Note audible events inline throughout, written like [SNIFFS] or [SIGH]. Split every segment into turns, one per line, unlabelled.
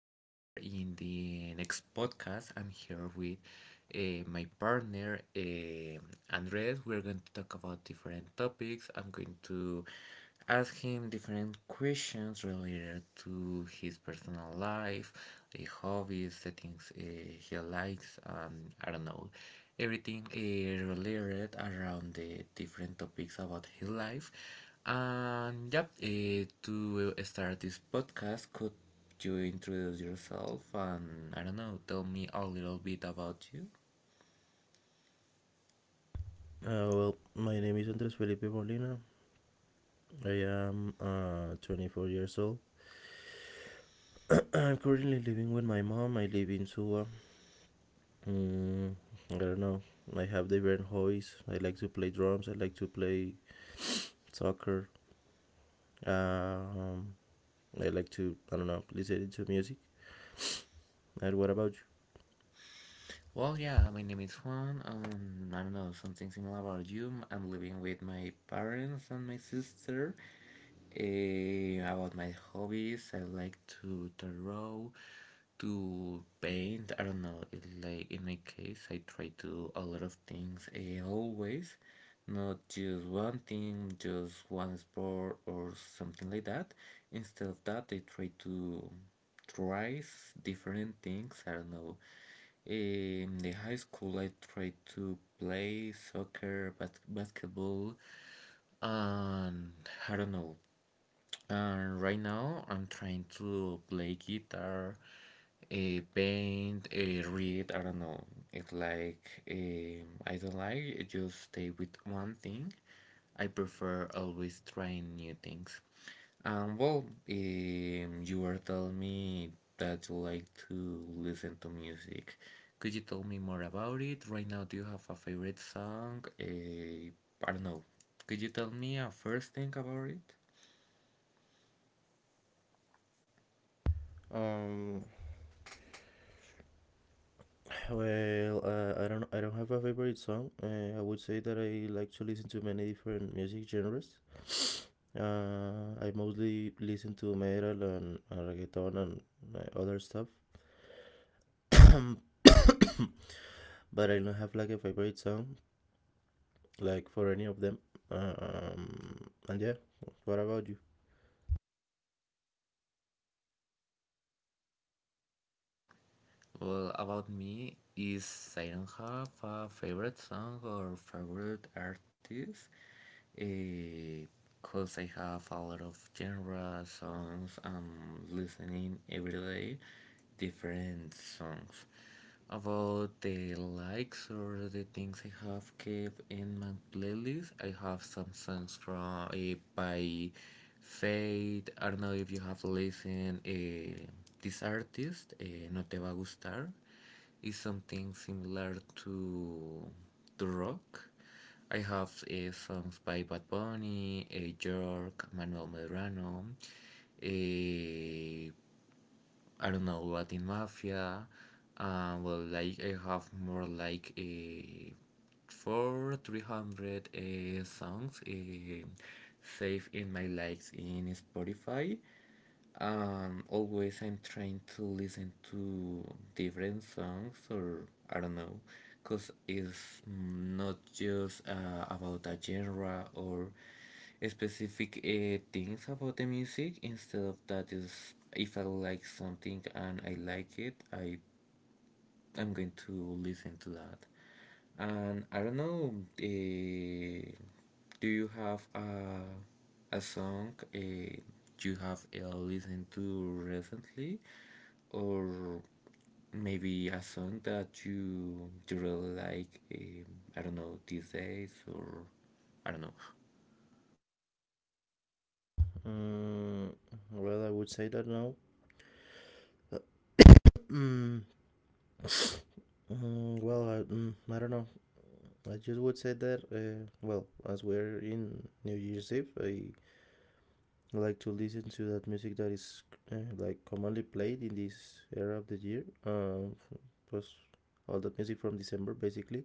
here in the next podcast. I'm here with my partner, Andres. We're going to talk about different topics. I'm going to ask him different questions related to his personal life, hobbies, the things he likes, and I don't know, everything related around the different topics about his life. And yep, to will start this podcast, could you introduce yourself and I don't know, tell me a little bit about you?
Well, my name is Andres Felipe Molina. I am 24 years old. [CLEARS THROAT] I'm currently living with my mom. I live in Suwa. Mm, I don't know. I have different hobbies. I like to play drums. I like to play soccer. Um, I like to, I don't know, listen to music. And what about you?
Well, yeah, my name is Juan. I don't know something similar about you. I'm living with my parents and my sister. Eh, about my hobbies, I like to draw, to paint. I don't know. It's like in my case, I try to a lot of things always, not just one thing, just one sport or something like that. Instead of that, I try to tries different things. I don't know. In the high school, I tried to play soccer, basketball, and I don't know. And right now, I'm trying to play guitar, paint, read. I don't know. It's like I don't like just stay with one thing. I prefer always trying new things. Um, well, you were telling me that you like to listen to music. Could you tell me more about it? Right now, do you have a favorite song? I don't know. Could you tell me a first thing about it?
Um, well, I don't have a favorite song. I would say that I like to listen to many different music genres. I mostly listen to metal and reggaeton and other stuff, [COUGHS] but I don't have like a favorite song, like for any of them. And yeah, what about you?
Well, about me is I don't have a favorite song or favorite artist. Because I have a lot of genre songs, I'm listening every day different songs. About the likes or the things I have kept in my playlist, I have some songs from by Fate. I don't know if you have listened this artist, No Te Va a Gustar, is something similar to rock. I have songs by Bad Bunny, York, Manuel Medrano, uh, I don't know Latin Mafia. Well, like I have more like a four three hundred songs saved in my likes in Spotify. Always I'm trying to listen to different songs or I don't know, cause it's not just about a genre or specific things about the music. Instead of that, is if I like something and I like it, I'm going to listen to that. And I don't know, eh, do you have a song you have listened to recently? Or maybe a song that you really like, I don't know, these days? Or I don't know.
Mm, well, I would say that now. [COUGHS] Mm, well, I don't know. I just would say that. Well, as we're in New Year's Eve, I like to listen to that music that is like commonly played in this era of the year. It was all the music from December basically.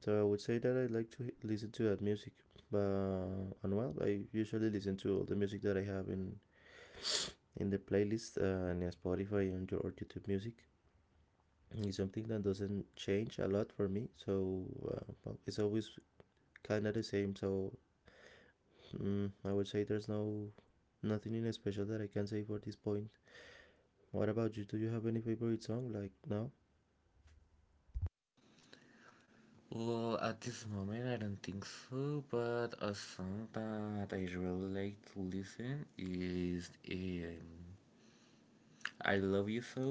So I would say that I like to listen to that music. But and well, I usually listen to all the music that I have in the playlist and Spotify and your or YouTube Music. It's something that doesn't change a lot for me. So well, it's always kind of the same. So I would say there's no nothing in special that I can say for this point. What about you? Do you have any favorite song like now?
Well, at this moment, I don't think so, but a song that I really like to listen is. I Love You So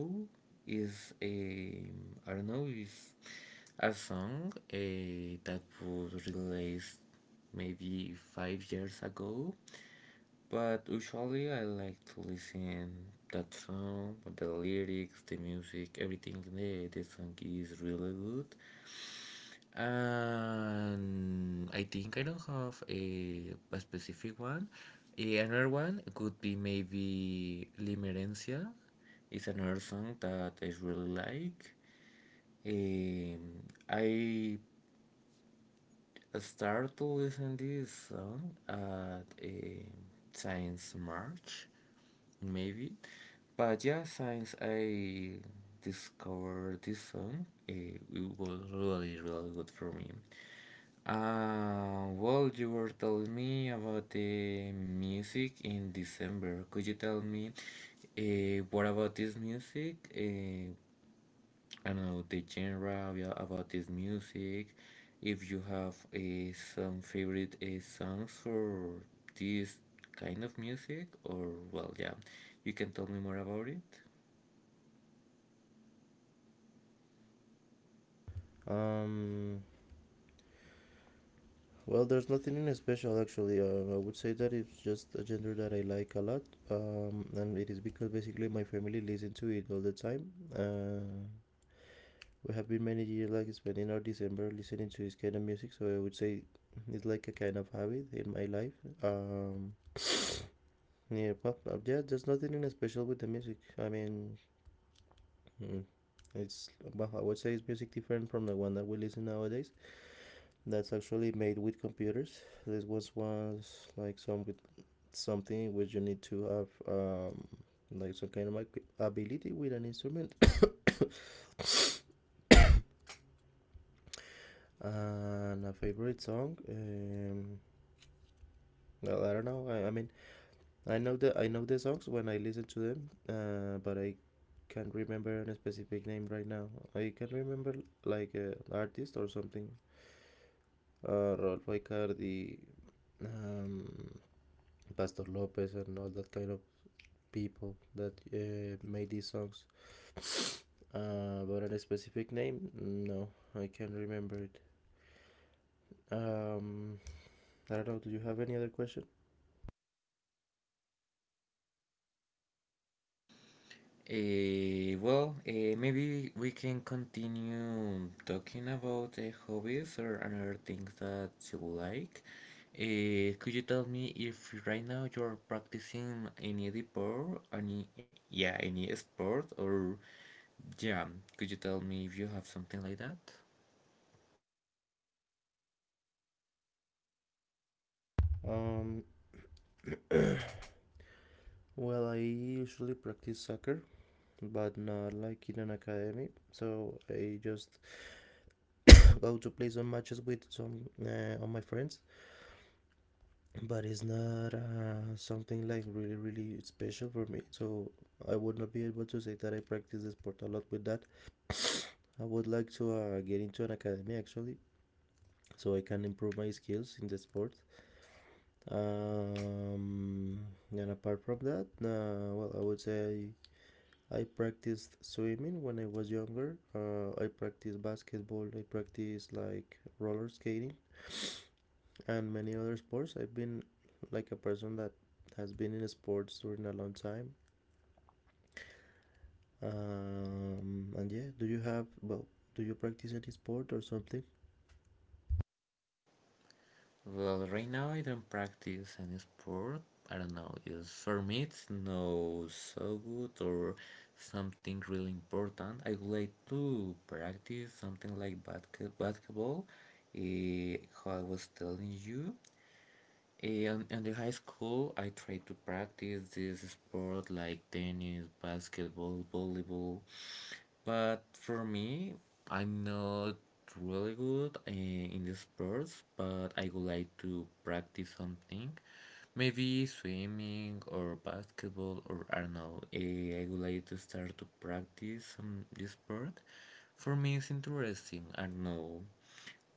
is a I don't know is a song that was released maybe 5 years ago. But usually I like to listen that song, the lyrics, the music, everything. The song is really good. And I think I don't have a specific one. Eh, another one could be maybe Limerencia. It's another song that I really like. Um, I start to listen this song at a since March, maybe. But yeah, since I discovered this song, it was really, really good for me. Well, you were telling me about the music in December. Could you tell me what about this music? I don't know the genre yeah, about this music. If you have some favorite songs for this kind of music, or well, yeah, you can tell me more about it.
Um, well, there's nothing in special actually. I would say that it's just a genre that I like a lot, and it is because basically my family listen to it all the time. We have been many years like spending our December listening to this kind of music, so I would say it's like a kind of habit in my life. Um, yeah, but yeah, there's nothing in special with the music. I mean, mm, it's well, I would say it's music different from the one that we listen nowadays that's actually made with computers. This was like something which you need to have like some kind of like, ability with an instrument. [COUGHS] And a favorite song. Well, I don't know. I mean, I know the songs when I listen to them, but I can't remember a specific name right now. I can remember like an artist or something. Rolfo Icardi, um, Pastor Lopez, and all that kind of people that made these songs. But on a specific name, no, I can't remember it. Um, I don't know. Do you have any other question?
Maybe we can continue talking about hobbies or other things that you like. Could you tell me if right now you're practicing any sport, any yeah, any sport, or yeah, could you tell me if you have something like that?
Um, well, I usually practice soccer, but not like in an academy. So I just go to play some matches with some of my friends, but it's not something like really, really special for me. So I would not be able to say that I practice the sport a lot with that. I would like to get into an academy actually, so I can improve my skills in the sport. Um, and apart from that, well, I would say I practiced swimming when I was younger. I practiced basketball. I practiced like roller skating and many other sports. I've been like a person that has been in sports during a long time. And yeah, do you have well? Do you practice any sport or something?
Well, right now I don't practice any sport. I don't know, just for me it's no so good or something really important. I would like to practice something like basketball, eh, how I was telling you. And in the high school, I tried to practice this sport like tennis, basketball, volleyball. But for me, I'm not really good in the sports, but I would like to practice something. Maybe swimming or basketball or I don't know. I would like to start to practice this sport. For me, it's interesting. I don't know,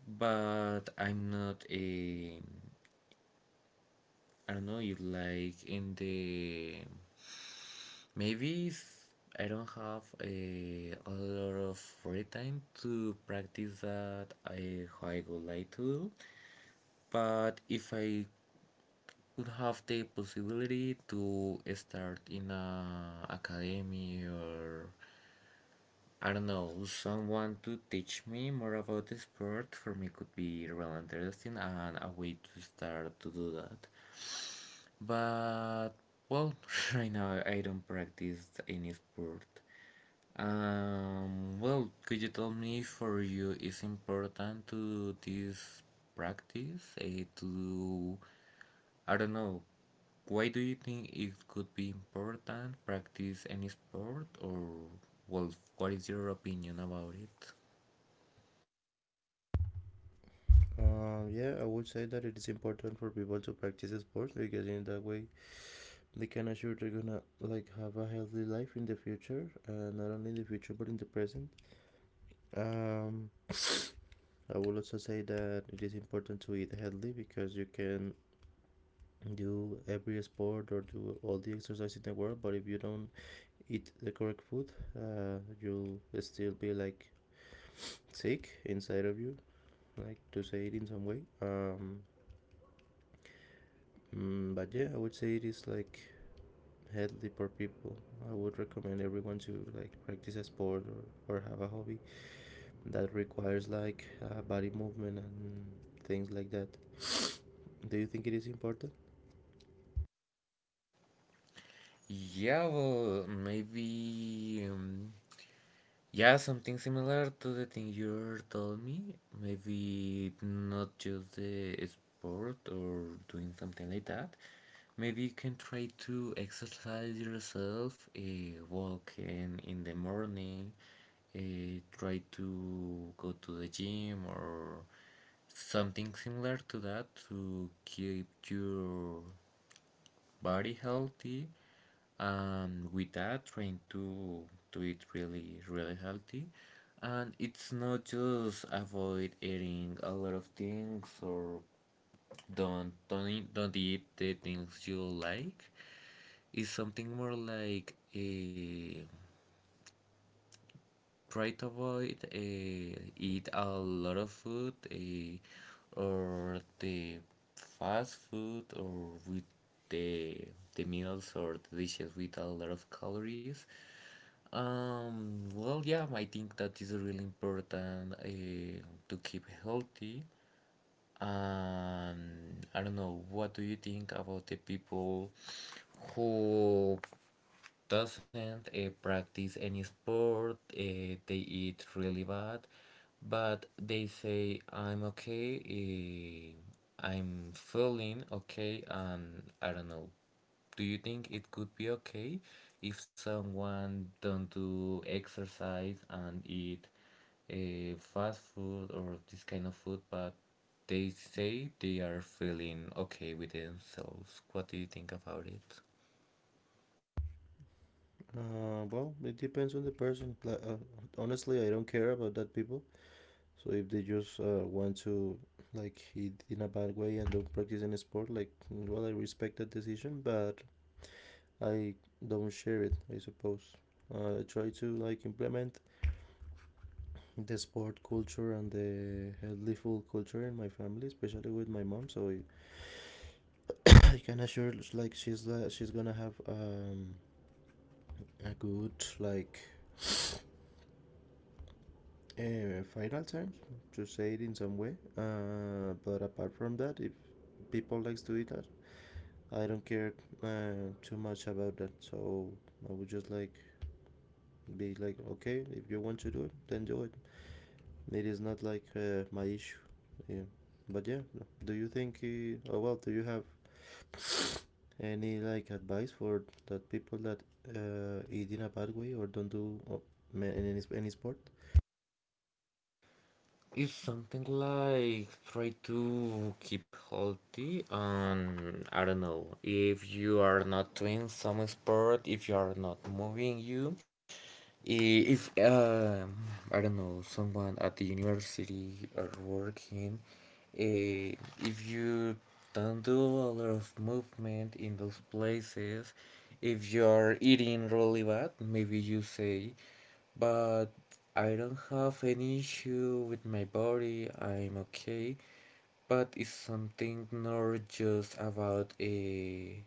but I'm not a I don't know if like in the maybe if I don't have a lot of free time to practice that I how I would like to do. But if I would have the possibility to start in a academy or I don't know someone to teach me more about the sport for me could be really interesting and a way to start to do that. But well, [LAUGHS] right now I don't practice any sport. Well, could you tell me for you is important to this practice? To I don't know. Why do you think it could be important practice any sport or well, what is your opinion about it?
Yeah, I would say that it is important for people to practice sports because in that way they can assure they're gonna like have a healthy life in the future, not only in the future but in the present. um I will also say that it is important to eat healthy, because you can do every sport or do all the exercise in the world, but if you don't eat the correct food, you'll still be like sick inside of you, like to say it in some way. But yeah, I would say it is like healthy for people. I would recommend everyone to like practice a sport, or have a hobby that requires like body movement and things like that. Do you think it is important?
Yeah, well, maybe yeah, something similar to the thing you told me. Maybe not just the sport or doing something like that. Maybe you can try to exercise yourself, walking in the morning, try to go to the gym or something similar to that to keep your body healthy and with that trying to eat really really healthy and it's not just avoid eating a lot of things or don't eat the things you like it's something more like a try to avoid eat a lot of food or the fast food or with the meals or the dishes with a lot of calories. Well, yeah, I think that is really important to keep healthy. And I don't know, what do you think about the people who doesn't practice any sport. They eat really bad, but they say I'm okay. I'm feeling okay, and I don't know. Do you think it could be okay if someone don't do exercise and eat fast food or this kind of food, but they say they are feeling okay with themselves? What do you think about it?
Well, it depends on the person. Like, honestly, I don't care about that people. So if they just want to like eat in a bad way and don't practice any sport, like well, I respect that decision, but I don't share it. I suppose. I try to like implement the sport culture and the healthy food culture in my family, especially with my mom. So I can assure like she's gonna have a good like [SNIFFS] final terms to say it in some way. But apart from that, if people likes to eat that, I don't care too much about that. So I would just like be like, okay, if you want to do it, then do it. It is not like my issue. Yeah. But yeah, do you think? Oh well, do you have any like advice for that people that eat in a bad way or don't do any sport?
It's something like try to keep healthy and I don't know if you are not doing some sport, if you are not moving you, I- if I don't know someone at the university or working, uh, if you don't do a lot of movement in those places, if you are eating really bad, maybe you say but I don't have any issue with my body. I'm okay, but it's something not just about a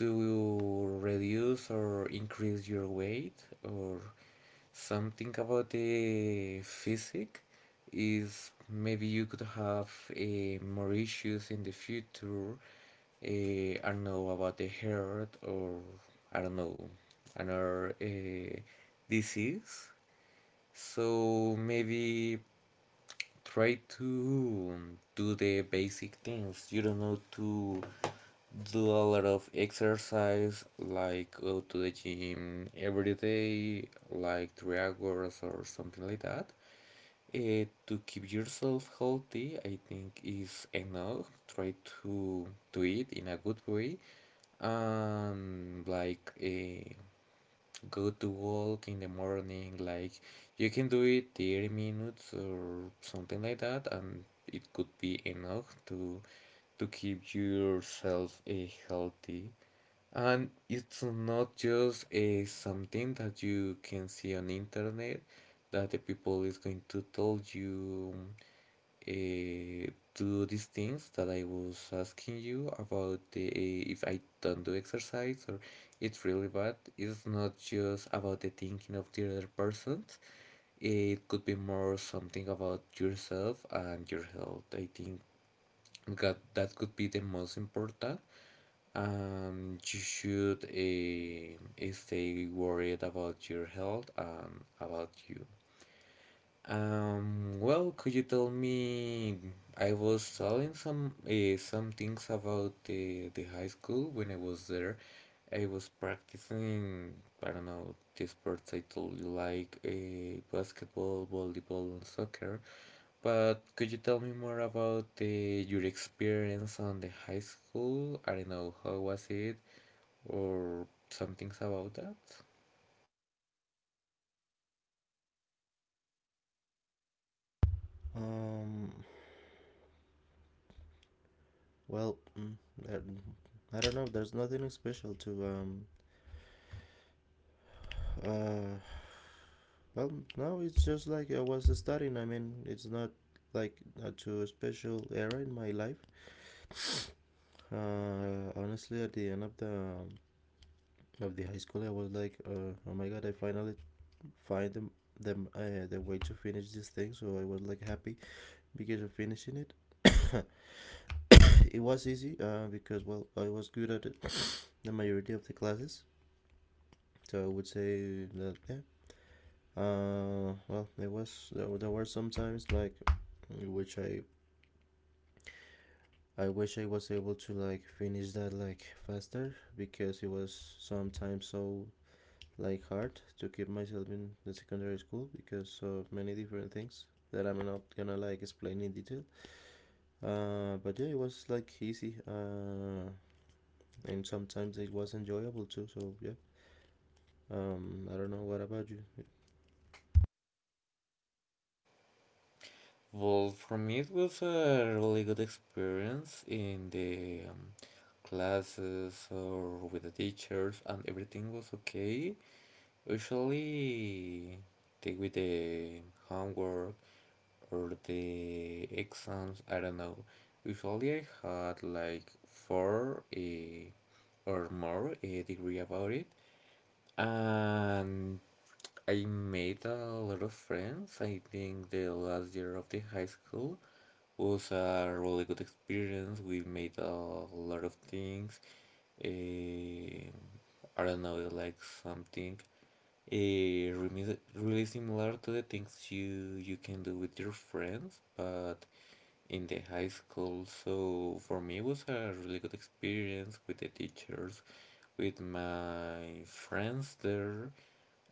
to reduce or increase your weight or something about the physique is maybe you could have more issues in the future. I don't know about the heart or I don't know another disease. So maybe try to do the basic things you don't know to do a lot of exercise like go to the gym every day like 3 hours or something like that. To keep yourself healthy I think is enough try to do it in a good way and like go to walk in the morning like you can do it 30 minutes or something like that and it could be enough to keep yourself healthy and it's not just a something that you can see on internet that the people is going to tell you uh, do these things that I was asking you about the if I don't do exercise or it's really bad. It's not just about the thinking of the other person. It could be more something about yourself and your health. I think that could be the most important. And you should stay worried about your health and about you. Well, could you tell me? I was telling some things about the high school when I was there. I was practicing, I don't know, the sports I told you like basketball, volleyball, and soccer. But could you tell me more about the your experience on the high school? I don't know, how was it or some things about that?
Um, well, I don't know. There's nothing special to, Uh, well, no, it's just like I was studying. I mean, it's not like not too special era in my life. Honestly, at the end of the high school, I was like, oh my god, I finally find them the way to finish this thing. So I was like happy because of finishing it. [COUGHS] It was easy because well I was good at it, the majority of the classes. So I would say that yeah. Well, there were some times like which I wish I was able to like finish that like faster, because it was sometimes so like hard to keep myself in the secondary school because of many different things that I'm not gonna like explain in detail. But yeah, it was like easy. And sometimes it was enjoyable too. So yeah, I don't know. What about you?
Well, for me, it was a really good experience in the classes or with the teachers, and everything was okay. Usually, the, with the homework or the exams, I don't know. Usually, I had like four or more a degree about it, and I made a lot of friends. I think the last year of the high school was a really good experience. We made a lot of things. Eh, I don't know, like something really similar to the things you you can do with your friends, but in the high school. So for me, it was a really good experience with the teachers, with my friends there.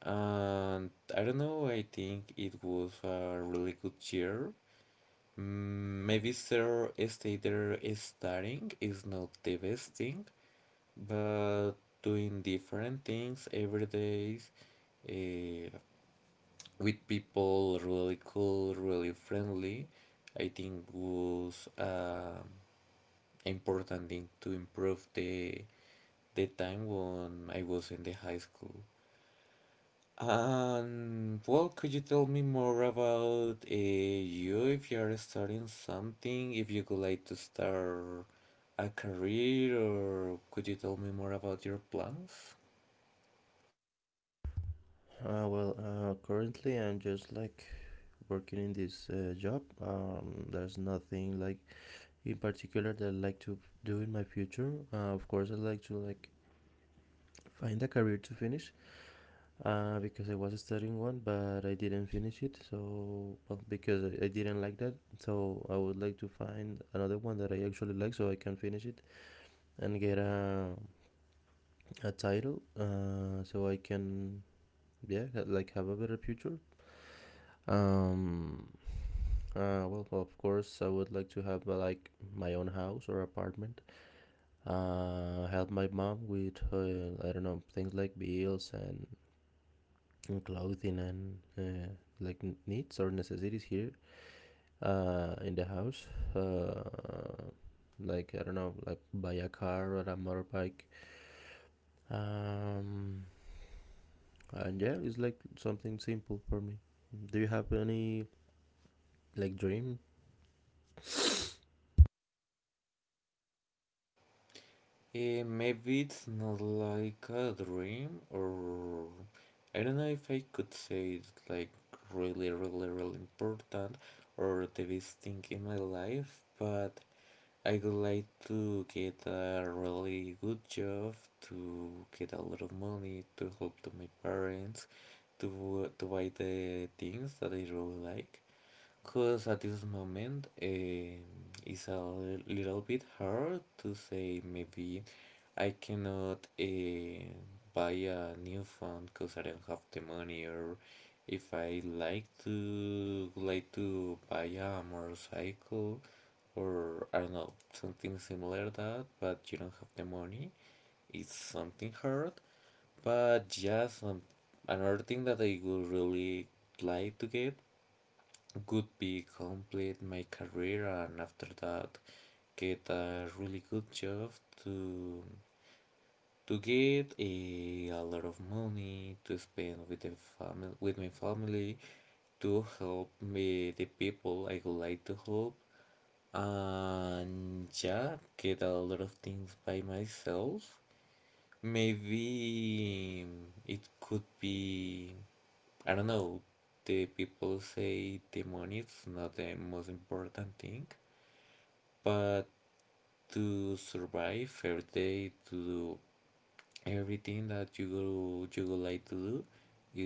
And I don't know, I think it was a really good year. Maybe Sir stay there is studying is not the best thing, but doing different things every day, uh, with people really cool, really friendly, I think was important thing to improve the time when I was in the high school. And well, could you tell me more about you, if you're starting something, if you would like to start a career, or could you tell me more about your plans?
Well, currently I'm just like working in this job. There's nothing like in particular that I like to do in my future. Of course, I like to like find a career to finish, because I was studying one, but I didn't finish it. So well, because I didn't like that, so I would like to find another one that I actually like, so I can finish it and get a title, so I can yeah like have a better future. Um, well, of course, I would like to have, like my own house or apartment. Help my mom with her, I don't know, things like bills and clothing and like needs or necessities here, in the house. Uh, like I don't know, like buy a car or a motorbike. Um, And yeah, it's like something simple for me. Do you have any like dream? [SIGHS]
Maybe it's not like a dream, or I don't know if I could say it's like really, really, really important or the best thing in my life, but I'd like to get a really good job, to get a lot of money, to help to my parents, to buy the things that I really like. Because at this moment, it's a little bit hard to say. Maybe I cannot buy a new phone because I don't have the money, or if I like to buy a motorcycle, or I don't know something similar that, but you don't have the money, it's something hard. But just another thing that I would really like to get could be complete my career and after that get a really good job to to get a lot of money to spend with the family, with my family, to help me the people I would like to help, and yeah, get a lot of things by myself. Maybe it could be, I don't know. The people say the money is not the most important thing, but to survive every day, to do everything that you go, you would like to do,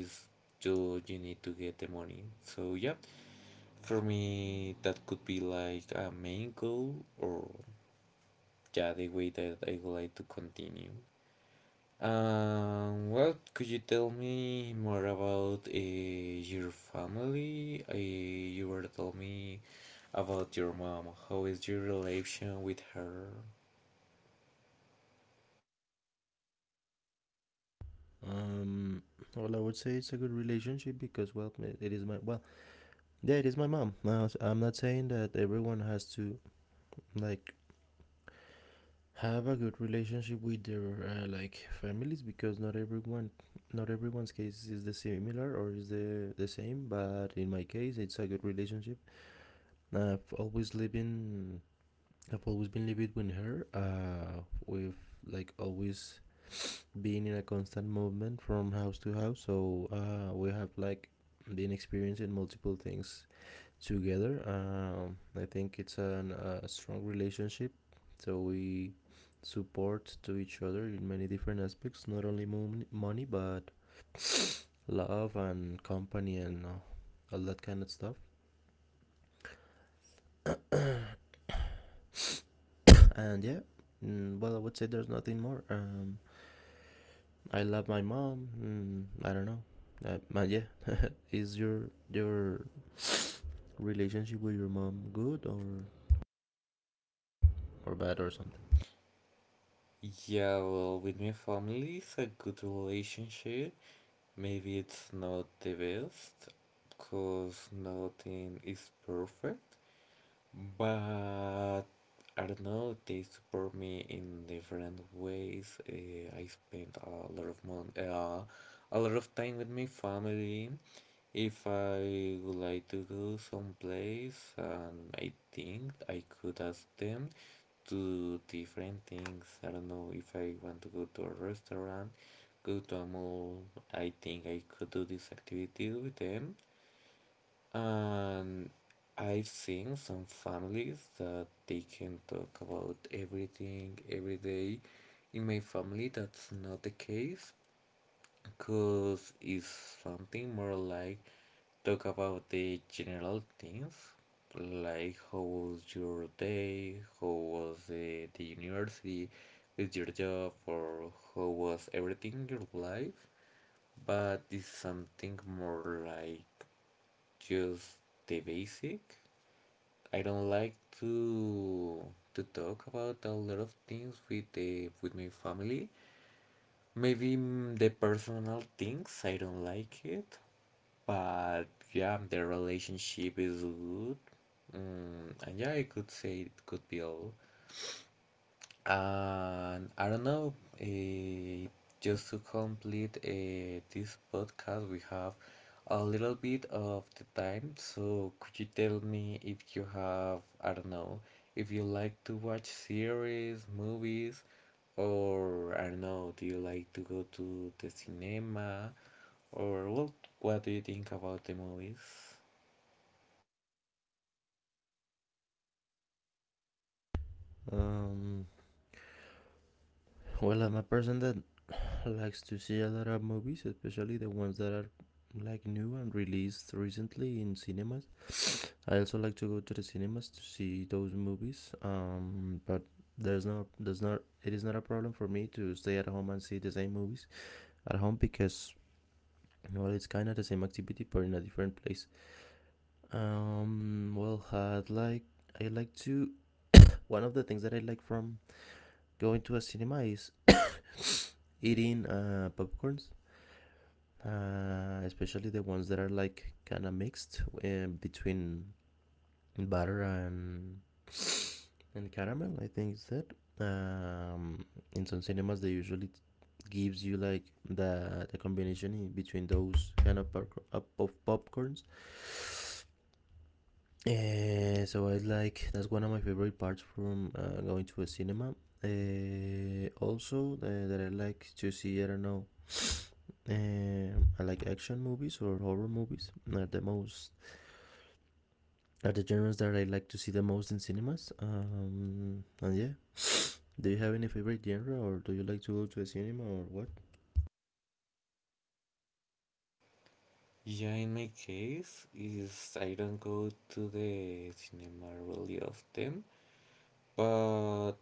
is, you need to get the money. So yeah, for me that could be like a main goal, or yeah, the way that I would like to continue. Well, could you tell me more about your family? You were tell me about your mom. How is your relation with her?
Um, well, I would say it's a good relationship because well, it is my well, yeah, it is my mom. Now, I'm not saying that everyone has to like have a good relationship with their like families, because not everyone's case is the similar or is the same. But in my case, it's a good relationship. I've always lived in I've always been living with her. We've like always been in a constant movement from house to house, so we have like been experiencing multiple things together. I think it's a strong relationship, so we support to each other in many different aspects, not only money but love and company and yeah. Well, I would say there's nothing more. I love my mom. I don't know. But yeah, is your relationship with your mom good or bad or something?
Yeah, well, with my family, it's a good relationship. Maybe it's not the best, because nothing is perfect. But I don't know, they support me in different ways. I spend a lot of mon a lot of time with my family. If I would like to go someplace, and I think I could ask them to different things. I don't know if I want to go to a restaurant, go to a mall. I think I could do this activity with them. And I've seen some families that they can talk about everything every day. In my family, that's not the case because it's something more like talk about the general things, like how was your day, how was the university with your job, or how was everything in your life. But it's something more like just the basic. I don't like to talk about a lot of things with the with my family. Maybe the personal things I don't like it, but yeah, the relationship is good. And yeah, I could say it could be all. And I don't know, eh, just to complete this podcast, we have a little bit of the time. So could you tell me if you have, I don't know, if you like to watch series, movies, or I don't know, do you like to go to the cinema? Or what do you think about the movies?
Um, well, I'm a person that likes to see a lot of movies, especially the ones that are like new and released recently in cinemas. I also like to go to the cinemas to see those movies. But there's no there's not it is not a problem for me to stay at home and see the same movies at home, because well it's kind of the same activity but in a different place. Well, I like to. One of the things that I like from going to a cinema is [COUGHS] eating, popcorns, especially the ones that are like kind of mixed, between butter and caramel. I think is that. Um, in some cinemas they usually gives you like the combination in between those kind of pop of popcorns. So I like that's one of my favorite parts from, going to a cinema. Also, that I like to see, I don't know, I like action movies or horror movies are the genres that I like to see the most in cinemas. And yeah, do you have any favorite genre or do you like to go to a cinema or what?
Yeah, in my case, is I don't go to the cinema really often. But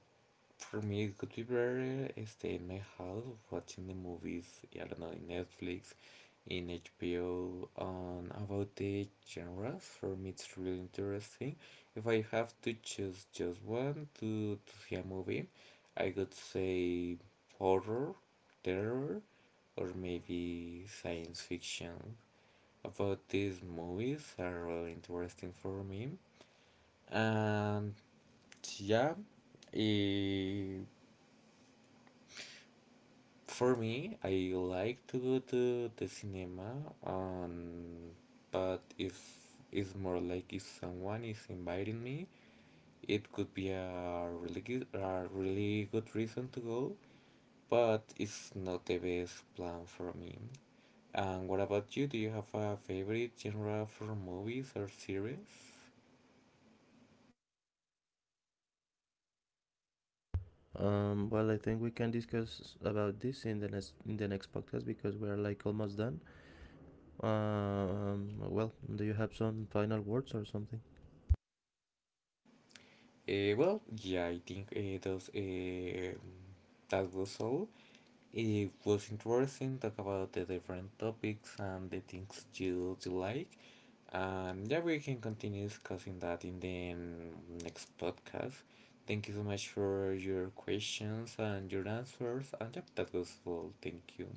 for me, it could be better stay in my house watching the movies, I don't know, in Netflix, in HBO. On about the genres, for me, it's really interesting. If I have to choose just one to see a movie, I could say horror, terror, or maybe science fiction. About these movies are really interesting for me. And yeah, eh, for me, I like to go to the cinema, um, but if it's more like if someone is inviting me, it could be a really good reason to go, but it's not the best plan for me. And what about you? Do you have a favorite genre for movies or series?
Well, I think we can discuss about this in the next podcast because we are like almost done. Well, do you have some final words or something?
Well, yeah, I think that was all. It was interesting talk about the different topics and the things you do like. And yeah, we can continue discussing that in the next podcast. Thank you so much for your questions and your answers. And yeah, that was all. Thank you.